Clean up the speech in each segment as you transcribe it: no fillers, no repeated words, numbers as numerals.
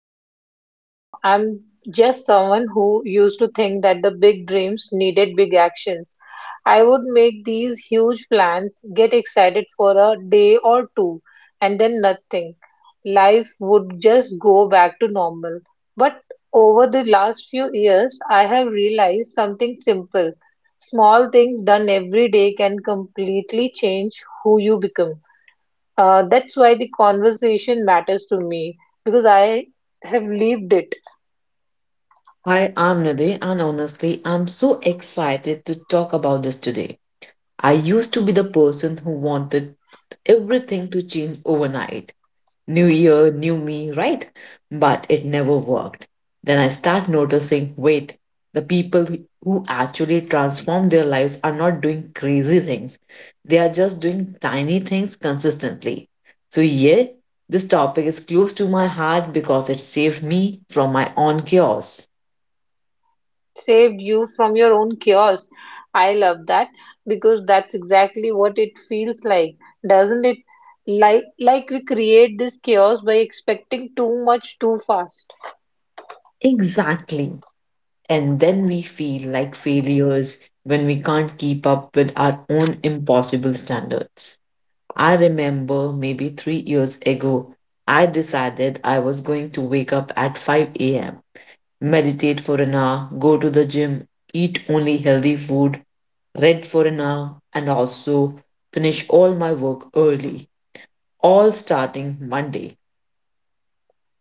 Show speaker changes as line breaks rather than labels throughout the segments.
Namrita. I'm just someone who used to think that the big dreams needed big actions. I would make these huge plans, get excited for a day or two, and then nothing. Life would just go back to normal. But over the last few years, I have realized something simple. Small things done every day can completely change who you become. That's why the conversation matters to me because I have lived it,
Hi, I'm Nidhi, and honestly, I'm so excited to talk about this today. I used to be the person who wanted everything to change overnight. New year, new me, right? But it never worked. Then I start noticing, wait, the people who actually transform their lives are not doing crazy things. They are just doing tiny things consistently. So yeah, this topic is close to my heart because it saved me from my own chaos.
saved you from your own chaos. I love that because that's exactly what it feels like, doesn't it? Like we create this chaos by expecting too much too fast.
Exactly. And then we feel like failures when we can't keep up with our own impossible standards. I remember maybe 3 years ago, I decided I was going to wake up at 5 a.m., meditate for an hour, go to the gym, eat only healthy food, read for an hour, and also finish all my work early, all starting Monday.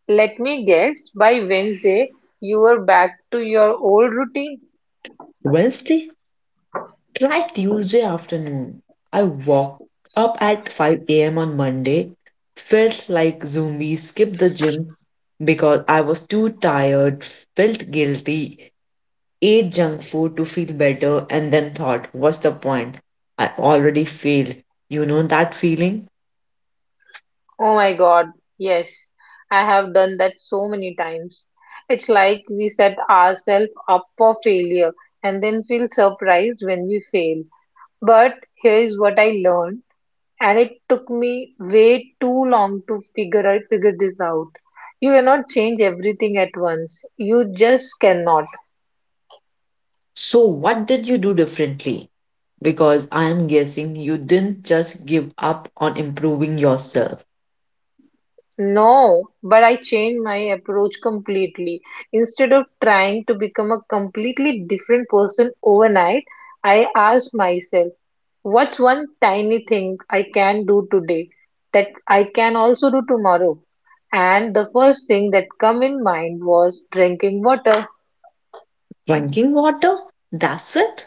Let me guess, by Wednesday, you were back to your old routine.
Wednesday? Try Tuesday afternoon. I woke up at 5 a.m. on Monday, felt like zombie, skipped the gym because I was too tired, felt guilty, ate junk food to feel better, and then thought, what's the point? I already failed. You know that feeling?
Oh my God, yes, I have done that so many times. It's like we set ourselves up for failure and then feel surprised when we fail. But here is what I learned, and it took me way too long to figure this out. You cannot change everything at once. You just cannot.
So, what did you do differently? Because I am guessing you didn't just give up on improving yourself.
No, but I changed my approach completely. Instead of trying to become a completely different person overnight, I asked myself, what's one tiny thing I can do today that I can also do tomorrow? And the first thing that come in mind was drinking water.
Drinking water? That's it?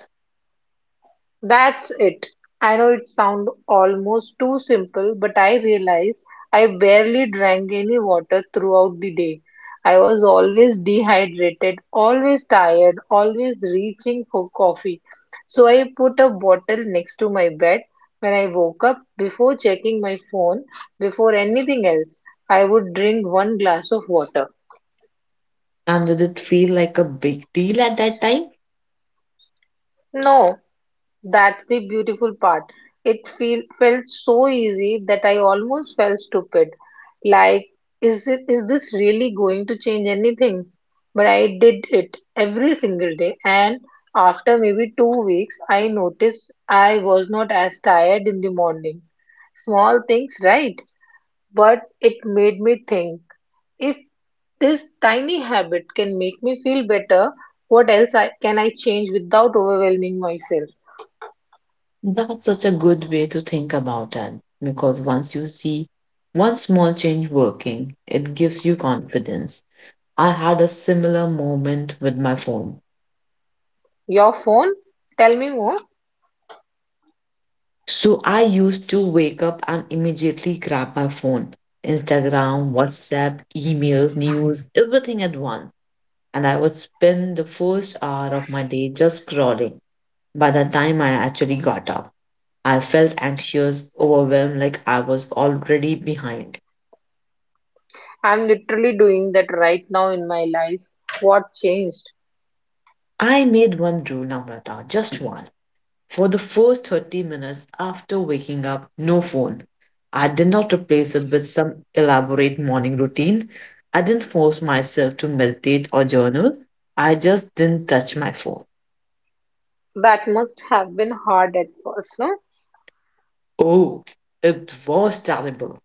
That's it. I know it sounds almost too simple, but I realize I barely drank any water throughout the day. I was always dehydrated, always tired, always reaching for coffee. So I put a bottle next to my bed. When I woke up, before checking my phone, before anything else, I would drink one glass of water.
And did it feel like a big deal at that time?
No, that's the beautiful part. It felt so easy that I almost felt stupid. Like, is this really going to change anything? But I did it every single day, and after maybe 2 weeks, I noticed I was not as tired in the morning. Small things, right? But it made me think if this tiny habit can make me feel better, what else can I change without overwhelming myself?
That's such a good way to think about it because once you see one small change working, it gives you confidence. I had a similar moment with my phone.
Your phone? Tell me more.
So I used to wake up and immediately grab my phone: Instagram, WhatsApp, emails, news, everything at once. And I would spend the first hour of my day just scrolling. By the time I actually got up, I felt anxious, overwhelmed, like I was already behind.
I'm literally doing that right now in my life. What changed?
I made one rule, Namrata, just one. For the first 30 minutes after waking up, no phone. I did not replace it with some elaborate morning routine. I didn't force myself to meditate or journal. I just didn't touch my phone.
That must have been hard at first, no?
Oh, it was terrible.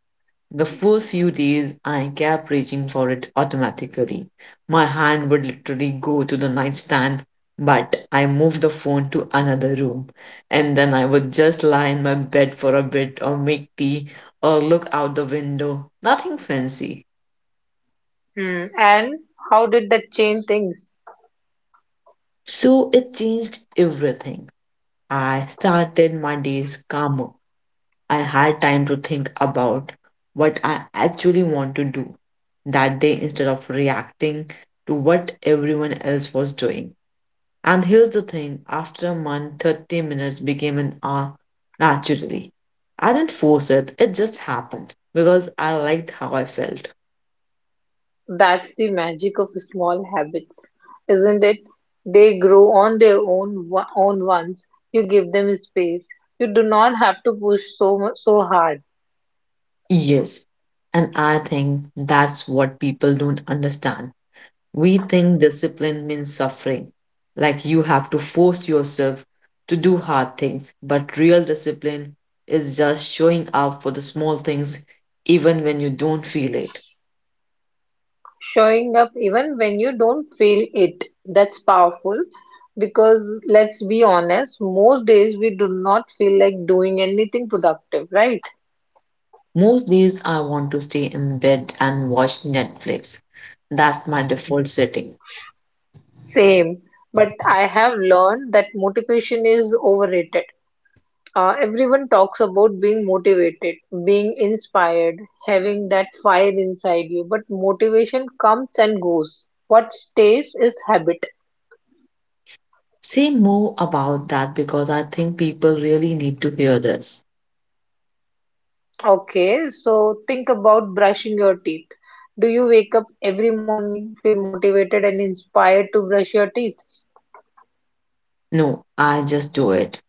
The first few days, I kept reaching for it automatically. My hand would literally go to the nightstand, but I moved the phone to another room. And then I would just lie in my bed for a bit or make tea or look out the window. Nothing fancy.
Hmm. And how did that change things?
So it changed everything. I started my days calmer. I had time to think about what I actually want to do that day instead of reacting to what everyone else was doing. And here's the thing, after a month, 30 minutes became an hour naturally. I didn't force it, it just happened because I liked how I felt.
That's the magic of small habits, isn't it? They grow on their own once you give them space. You do not have to push so hard.
Yes. And I think that's what people don't understand. We think discipline means suffering, like you have to force yourself to do hard things, but real discipline is just showing up for the small things even when you don't feel it.
Showing up even when you don't feel it, that's powerful because let's be honest, most days we do not feel like doing anything productive, right?
Most days I want to stay in bed and watch Netflix. That's my default setting.
Same, but I have learned that motivation is overrated. Everyone talks about being motivated, being inspired, having that fire inside you, but motivation comes and goes. What stays is habit.
Say more about that because I think people really need to hear this.
Okay, so think about brushing your teeth. Do you wake up every morning, feel motivated and inspired to brush your teeth?
No, I just do it.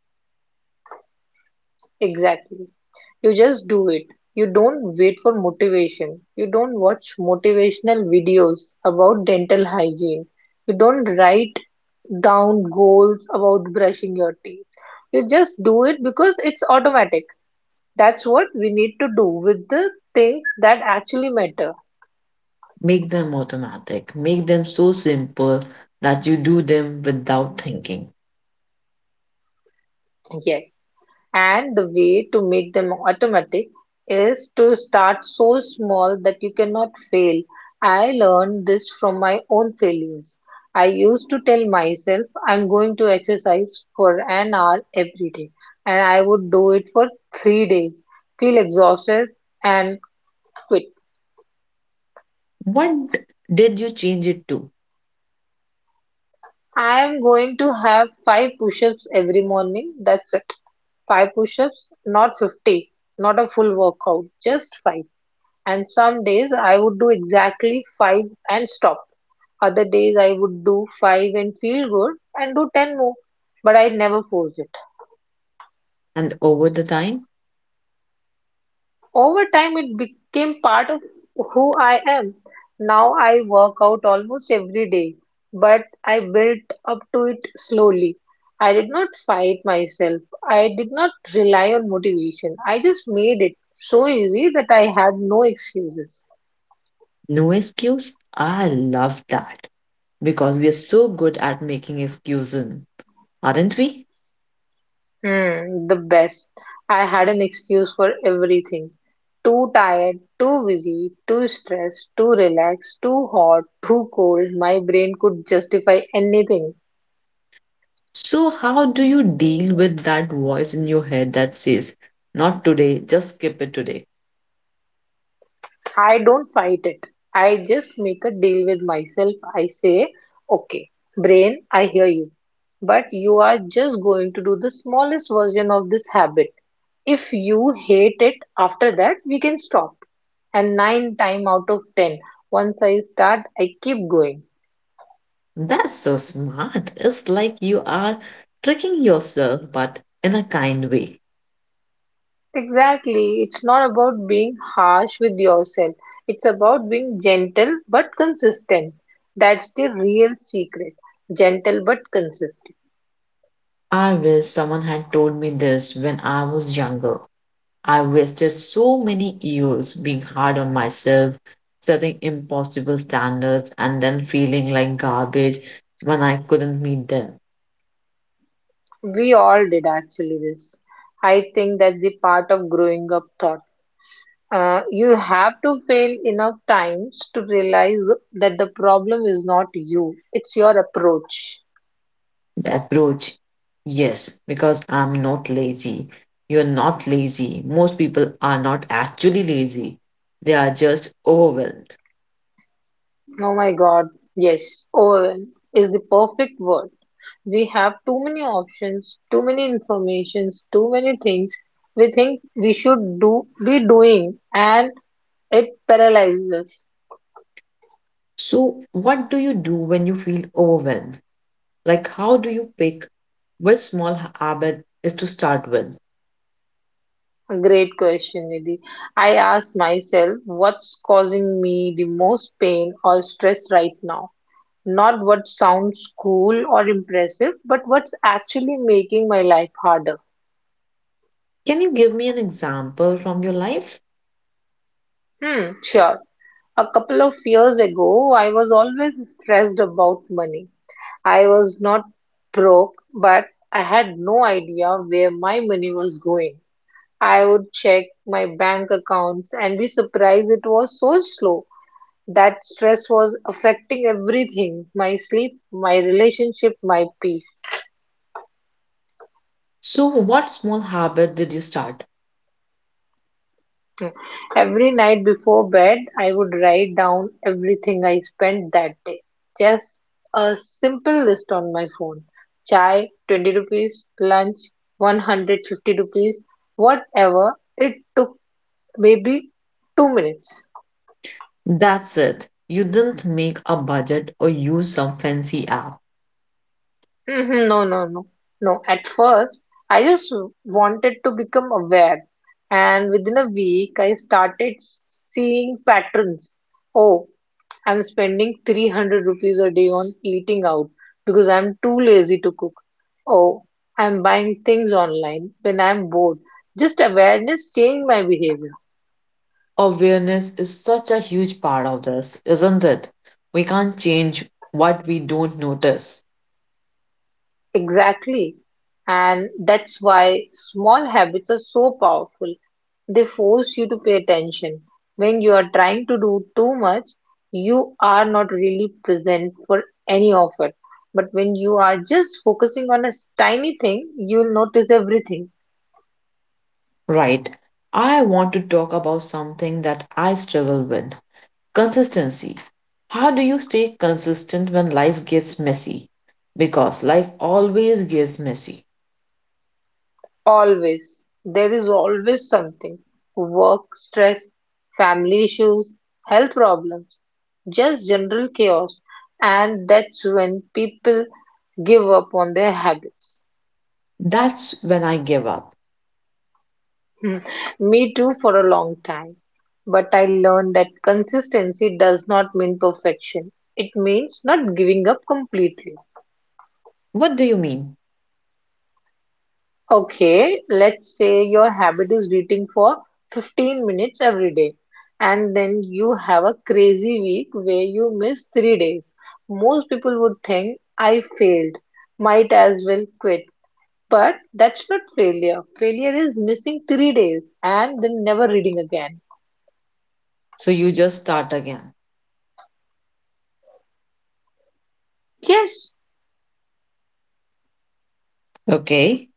Exactly. You just do it. You don't wait for motivation. You don't watch motivational videos about dental hygiene. You don't write down goals about brushing your teeth. You just do it because it's automatic. That's what we need to do with the things that actually matter.
Make them automatic. Make them so simple that you do them without thinking.
Yes. And the way to make them automatic is to start so small that you cannot fail. I learned this from my own failures. I used to tell myself I'm going to exercise for an hour every day, and I would do it for 3 days, feel exhausted, and quit.
What did you change it to?
I am going to have five push ups every morning. That's it. Five push ups, not 50, not a full workout, just five. And some days I would do exactly five and stop. Other days I would do five and feel good and do 10 more, but I never force it.
And over the time,
Over time, it became part of who I am. Now I work out almost every day, but I built up to it slowly. I did not fight myself, I did not rely on motivation. I just made it so easy that I had no excuses.
no excuse? I love that because we are so good at making excuses, aren't we?
Hmm, the best. I had an excuse for everything. Too tired, too busy, too stressed, too relaxed, too hot, too cold. My brain could justify anything.
So, how do you deal with that voice in your head that says, not today, just skip it today?
I don't fight it. I just make a deal with myself. I say, okay, brain, I hear you. But you are just going to do the smallest version of this habit. If you hate it after that, we can stop. And nine time out of ten, once I start, I keep going.
That's so smart. It's like you are tricking yourself, but in a kind way.
Exactly. It's not about being harsh with yourself. It's about being gentle but consistent. That's the real secret. Gentle but consistent.
I wish someone had told me this when I was younger. I wasted so many years being hard on myself, setting impossible standards, and then feeling like garbage when I couldn't meet them.
We all did actually this. I think that's the part of growing up thought. You have to fail enough times to realize that the problem is not you, it's your approach.
The approach, yes, because I'm not lazy. You're not lazy. Most people are not actually lazy, they are just overwhelmed.
Oh my God, yes, Owen is the perfect word. We have too many options, too many informations, too many things we think we should do be doing, and it paralyzes us.
So, what do you do when you feel overwhelmed? Like, how do you pick which small habit is to start with?
Great question, Nidhi. I ask myself what's causing me the most pain or stress right now. Not what sounds cool or impressive, but what's actually making my life harder.
Can you give me an example from your life?
Hmm, sure. A couple of years ago, I was always stressed about money. I was not broke, but I had no idea where my money was going. I would check my bank accounts and be surprised it was so slow. That stress was affecting everything, my sleep, my relationship, my peace.
So, what small habit did you start?
Every night before bed, I would write down everything I spent that day. Just a simple list on my phone. Chai, 20 rupees, lunch, 150 rupees, whatever. It took maybe 2 minutes.
That's it. You didn't make a budget or use some fancy app.
Mhm. No, no, no, no. At first, I just wanted to become aware, and within a week, I started seeing patterns. Oh, I'm spending 300 rupees a day on eating out because I'm too lazy to cook. Oh, I'm buying things online when I'm bored. Just awareness changed my behavior.
Awareness is such a huge part of this, isn't it? We can't change what we don't notice.
Exactly. And that's why small habits are so powerful. They force you to pay attention. When you are trying to do too much, you are not really present for any of it. But when you are just focusing on a tiny thing, you'll notice everything.
Right. I want to talk about something that I struggle with: consistency. How do you stay consistent when life gets messy? Because life always gets messy.
Always. There is always something. Work stress, family issues, health problems, just general chaos. And that's when people give up on their habits.
That's when I give up.
Hmm, me too for a long time. But I learned that consistency does not mean perfection. It means not giving up completely.
What do you mean?
Okay, let's say your habit is reading for 15 minutes every day, and then you have a crazy week where you miss 3 days. Most people would think, I failed, might as well quit. But that's not failure. Failure is missing 3 days and then never reading again.
So you just start again.
Yes,
Okay.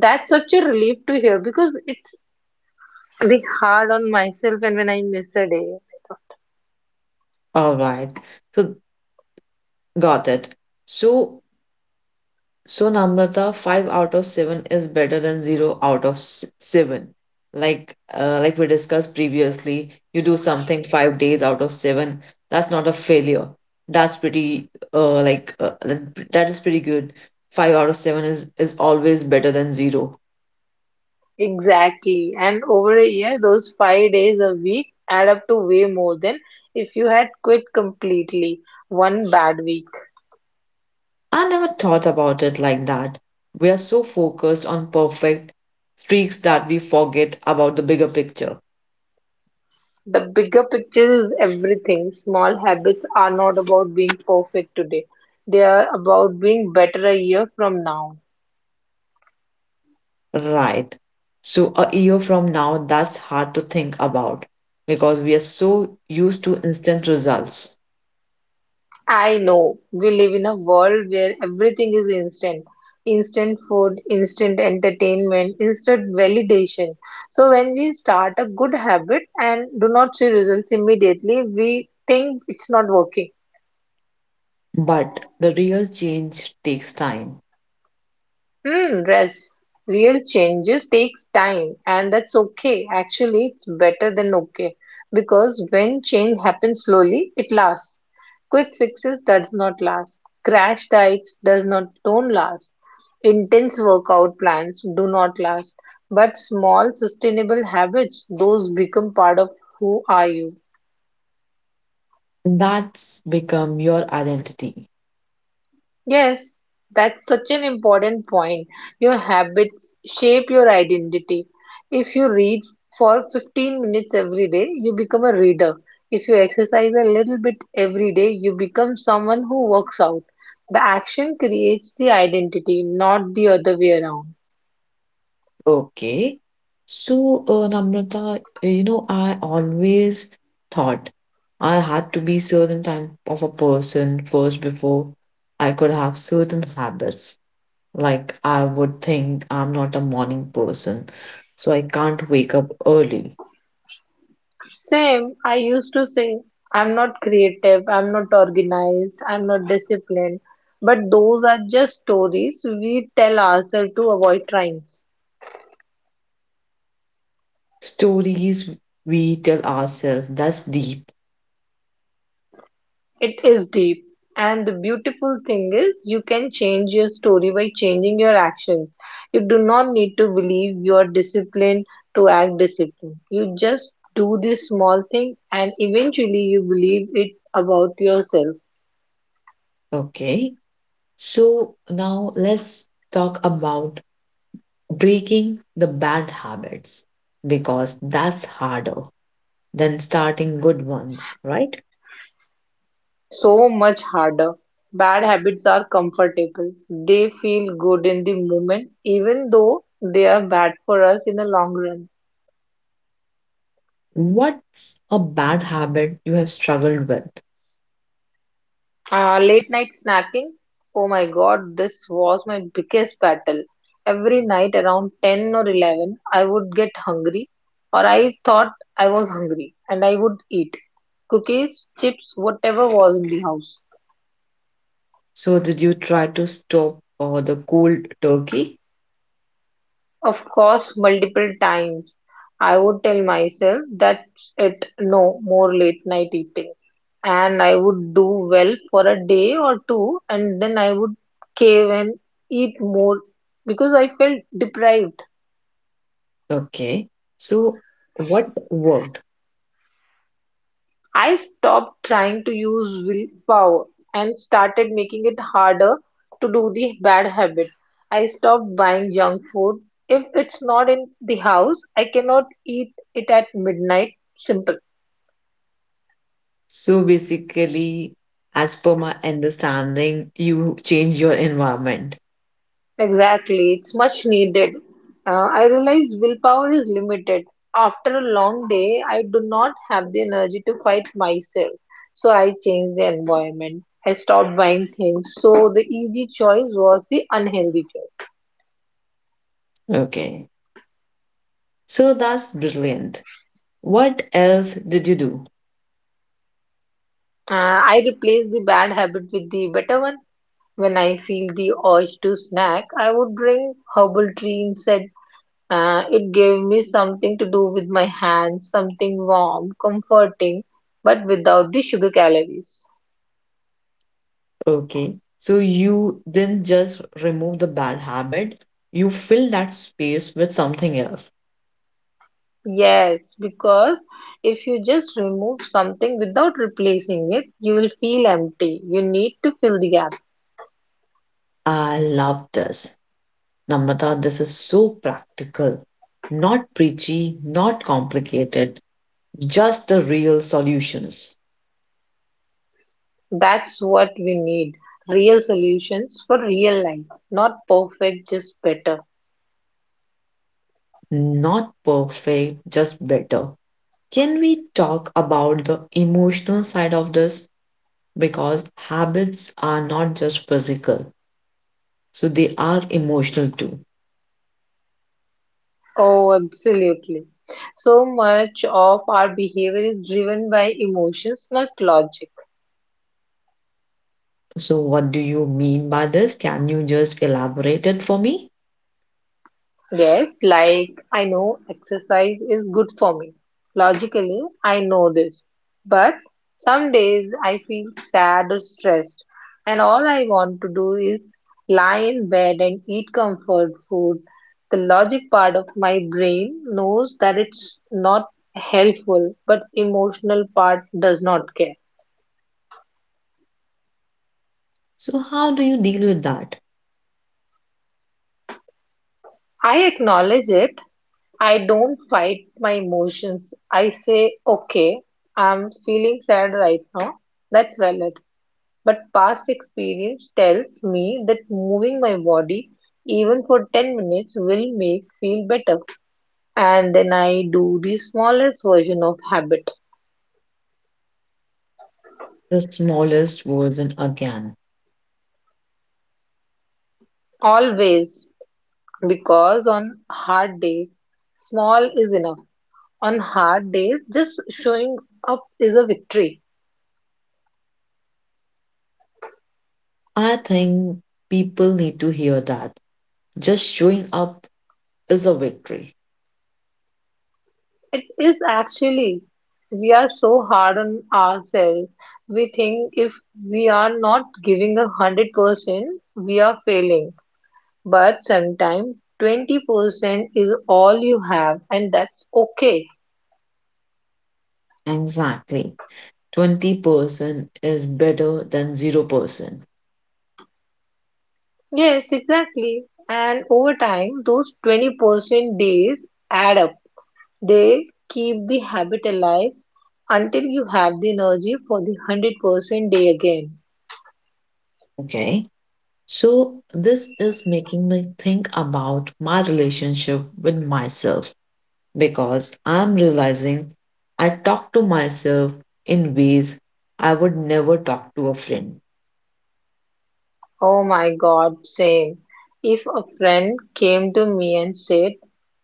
that's such a relief to hear because it's big hard on myself and when I miss a day.
All right. So got it. So Namrata, five out of seven is better than zero out of seven. Like we discussed previously, you do something 5 days out of seven. That's not a failure. That's pretty that is pretty good. Five out of seven is always better than zero.
Exactly. And over a year, those 5 days a week add up to way more than if you had quit completely one bad week.
I never thought about it like that. We are so focused on perfect streaks that we forget about the bigger picture.
The bigger picture is everything. Small habits are not about being perfect today, they are about being better a year from now.
Right. So a year from now, that's hard to think about because we are so used to instant results.
I know we live in a world where everything is instant, instant food, instant entertainment, instant validation. So, when we start a good habit and do not see results immediately, we think it's not working.
But the real change takes time.
Hmm, rest. Real changes takes time, and that's okay. Actually, it's better than okay because when change happens slowly, it lasts. Quick fixes does not last. Crash diets does not don't last. Intense workout plans do not last. But small sustainable habits, those become part of who are you.
That's become your identity.
Yes, that's such an important point. Your habits shape your identity. If you read for 15 minutes every day, you become a reader. If you exercise a little bit every day, you become someone who works out. The action creates the identity, not the other way around.
Okay. So, Namrata, I always thought I had to be certain type of a person first before I could have certain habits. Like, I would think I'm not a morning person, so I can't wake up early.
Same, I used to say, I'm not creative, I'm not organized, I'm not disciplined. But those are just stories we tell ourselves to avoid trying.
Stories we tell ourselves, that's deep.
It is deep. And the beautiful thing is, you can change your story by changing your actions. You do not need to believe you are disciplined to act disciplined. You just do this small thing, and eventually, you believe it about yourself.
Okay. So now let's talk about breaking the bad habits because that's harder than starting good ones, right?
So much harder. Bad habits are comfortable. They feel good in the moment, even though they are bad for us in the long run.
What's a bad habit you have struggled with?
Late night snacking. Oh my god, this was my biggest battle. Every night around 10 or 11, I would get hungry, or I thought I was hungry, and I would eat cookies, chips, whatever was in the house.
So, did you try to stop the cold turkey?
Of course, multiple times. I would tell myself, that's it, no more late night eating. And I would do well for a day or two, and then I would cave and eat more because I felt deprived.
Okay. So what worked?
I stopped trying to use willpower and started making it harder to do the bad habit. I stopped buying junk food. If it's not in the house, I cannot eat it at midnight. Simple.
So basically, as per my understanding, you change your environment.
Exactly, it's much needed. I realize willpower is limited. After a long day, I do not have the energy to fight myself, so I changed the environment. I stopped buying things, so the easy choice was the unhealthy choice.
Okay. So that's brilliant. What else did you do?
I replaced the bad habit with the better one. When I feel the urge to snack, I would drink herbal tea instead. It gave me something to do with my hands, something warm, comforting, but without the sugar calories.
Okay. So you didn't just remove the bad habit, you fill that space with something else.
Yes, because if you just remove something without replacing it, you will feel empty. You need to fill the gap.
I love this. Namrata, this is so practical. Not preachy, not complicated, just the real solutions.
That's what we need. Real solutions for real life, not perfect, just better.
Not perfect, just better. Can we talk about the emotional side of this? Because habits are not just physical, so they are emotional too.
Oh, absolutely. So much of our behavior is driven by emotions, not logic.
So, what do you mean by this? Can you just elaborate it for me?
Yes, like I know exercise is good for me. Logically, I know this. But some days I feel sad or stressed, and all I want to do is lie in bed and eat comfort food. The logic part of my brain knows that it's not helpful, but emotional part does not care.
So, how do you deal with that?
I acknowledge it. I don't fight my emotions. I say, okay, I'm feeling sad right now. That's valid. But past experience tells me that moving my body, even for 10 minutes, will make feel better. And then I do the smallest version of habit.
The smallest version again.
Always. Because on hard days, small is enough. On hard days, just showing up is a victory.
I think people need to hear that. Just showing up is a victory.
It is actually. We are so hard on ourselves. We think if we are not giving 100%, we are failing. But sometimes 20% is all you have, and that's okay.
Exactly. 20% is better than 0%.
Yes, exactly. And over time, those 20% days add up. They keep the habit alive until you have the energy for the 100% day again.
Okay. So this is making me think about my relationship with myself because I'm realizing I talk to myself in ways I would never talk to a friend.
Oh my god, same. If a friend came to me and said,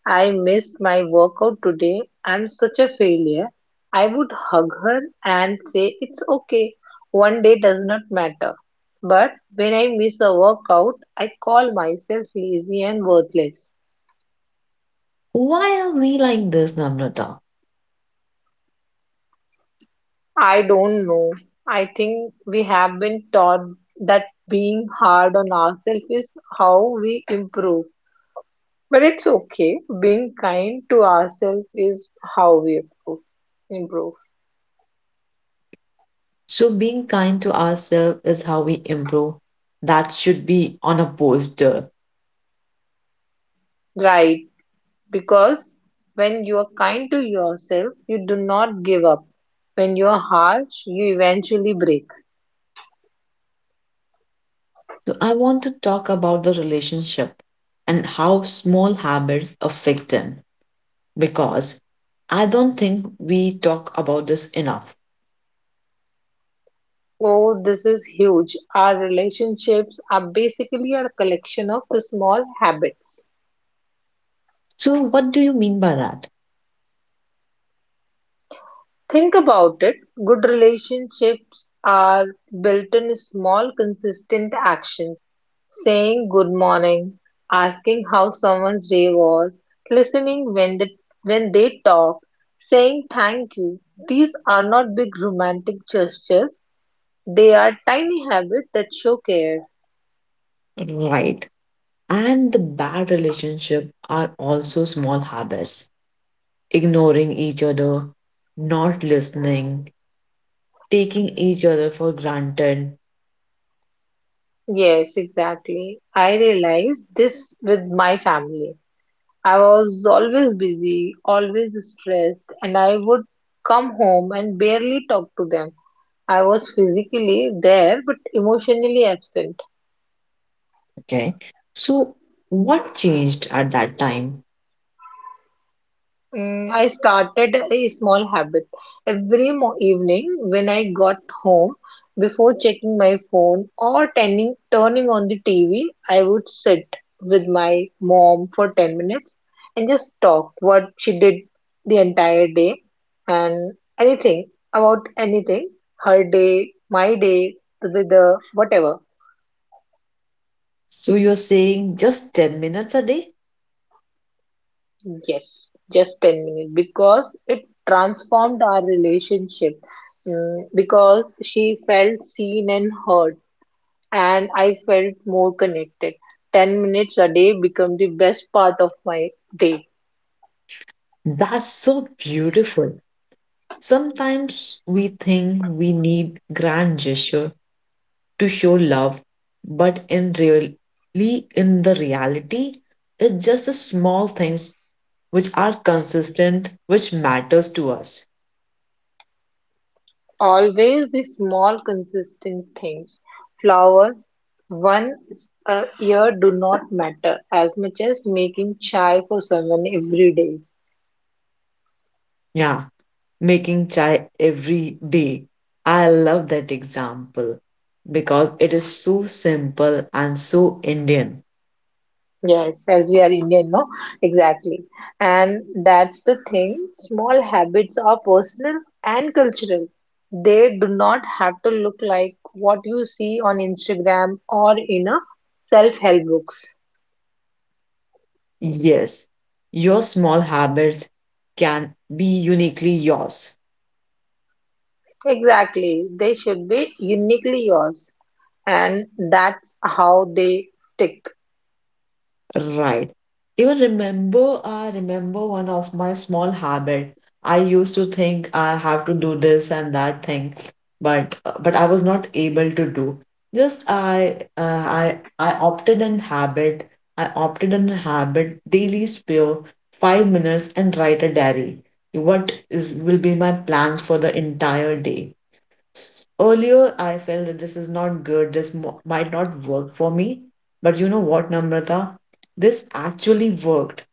I missed my workout today, I'm such a failure, I would hug her and say, it's okay, one day does not matter. But when I miss a workout, I call myself lazy and worthless.
Why are we like this, Namrata?
I don't know. I think we have been taught that being hard on ourselves is how we improve. But it's okay. Being kind to ourselves is how we improve. Improve.
So being kind to ourselves is how we improve. That should be on a poster.
Right. Because when you are kind to yourself, you do not give up. When you are harsh, you eventually break.
So I want to talk about the relationship and how small habits affect them because I don't think we talk about this enough.
Oh, this is huge. Our relationships are basically a collection of small habits.
So, what do you mean by that?
Think about it. Good relationships are built in small, consistent actions, saying good morning, asking how someone's day was, listening when they talk, saying thank you. These are not big romantic gestures, they are tiny habits that show care.
Right. And the bad relationship are also small habits: ignoring each other, not listening, taking each other for granted.
Yes, exactly. I realized this with my family. I was always busy, always stressed, and I would come home and barely talk to them. I was physically there but emotionally absent.
Okay. So, what changed at that time?
I started a small habit. Every mo evening when I got home, before checking my phone or turning on the TV, I would sit with my mom for 10 minutes and just talk what she did the entire day and anything about anything, her day, my day, the weather, whatever.
So, you're saying just 10 minutes a day?
Yes, just 10 minutes because it transformed our relationship. Because she felt seen and heard, and I felt more connected. 10 minutes a day become the best part of my day.
That's so beautiful. Sometimes we think we need grand gesture to show love, but in really in the reality, it's just the small things which are consistent, which matters to us.
Always the small, consistent things. Flower, one a year do not matter as much as making chai for someone every day.
Yeah, making chai every day. I love that example because it is so simple and so Indian.
Yes, as we are Indian, no? Exactly. And that's the thing. Small habits are personal and cultural. They do not have to look like what you see on Instagram or in a self-help books.
Yes, your small habits can be uniquely yours.
Exactly. They should be uniquely yours. And that's how they stick.
Right. Even remember, I remember one of my small habit. I used to think I have to do this and that thing, but I was not able to do. Just I opted in habit. I opted in habit daily spare 5 minutes and write a diary. What is will be my plans for the entire day? Earlier, I felt that this is not good, this might not work for me. But you know what, Namrata? This actually worked.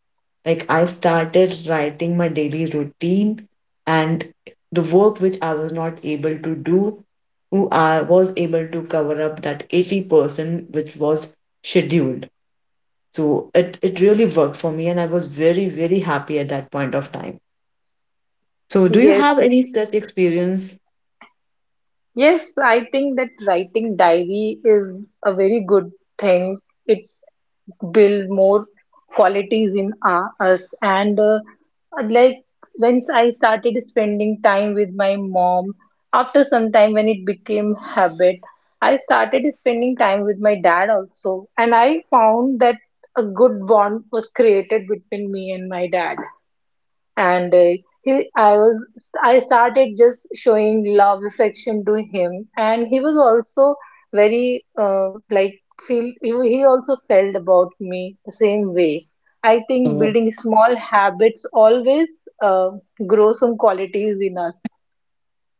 Like, I started writing my daily routine and the work which I was not able to do, who I was able to cover up that 80% which was scheduled. So it really worked for me, and I was very, very happy at that point of time. So, do you have
Yes.
any such experience?
Yes, I think that writing diary is a very good thing. It build more qualities in us and like once I started spending time with my mom after some time when it became habit I started spending time with my dad also and I found that a good bond was created between me and my dad and I was I started just showing love affection to him, and he was also very like feel he also felt about me the same way. I think building small habits always uh, grow some qualities in us.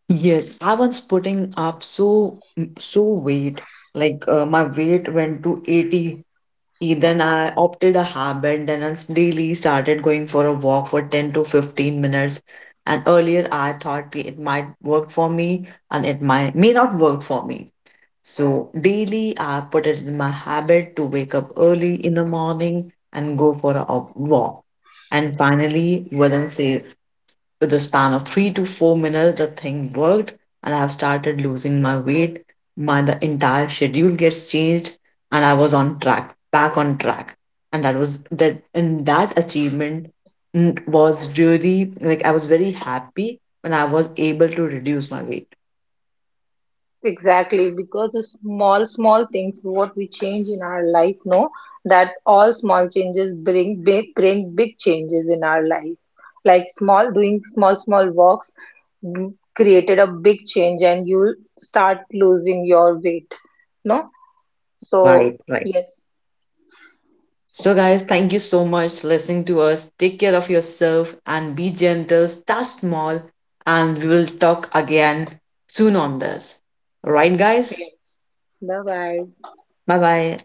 Yes, I was putting up so weight. Like my weight went to 80. Then I opted a habit. Then I daily started going for a walk for 10 to 15 minutes. And earlier I thought ki it might work for me and it might may not work for me. So daily I put it in my habit to wake up early in the morning and go for a walk. And finally, within say with a span of 3 to 4 minutes, the thing worked, and I have started losing my weight. My the entire schedule gets changed, and I was on track, back on track, and that was that. And that achievement was really like I was very happy when I was able to reduce my weight.
Exactly, because the small, small things what we change in our life know that all small changes bring big changes in our life. Like small, doing small, small walks created a big change, and you'll start losing your weight. No, so
Right, right.
yes,
So, guys, thank you so much listening to us. Take care of yourself and be gentle. Start small, and we will talk again soon on this. Right, guys?
yes. Bye bye.
Bye bye.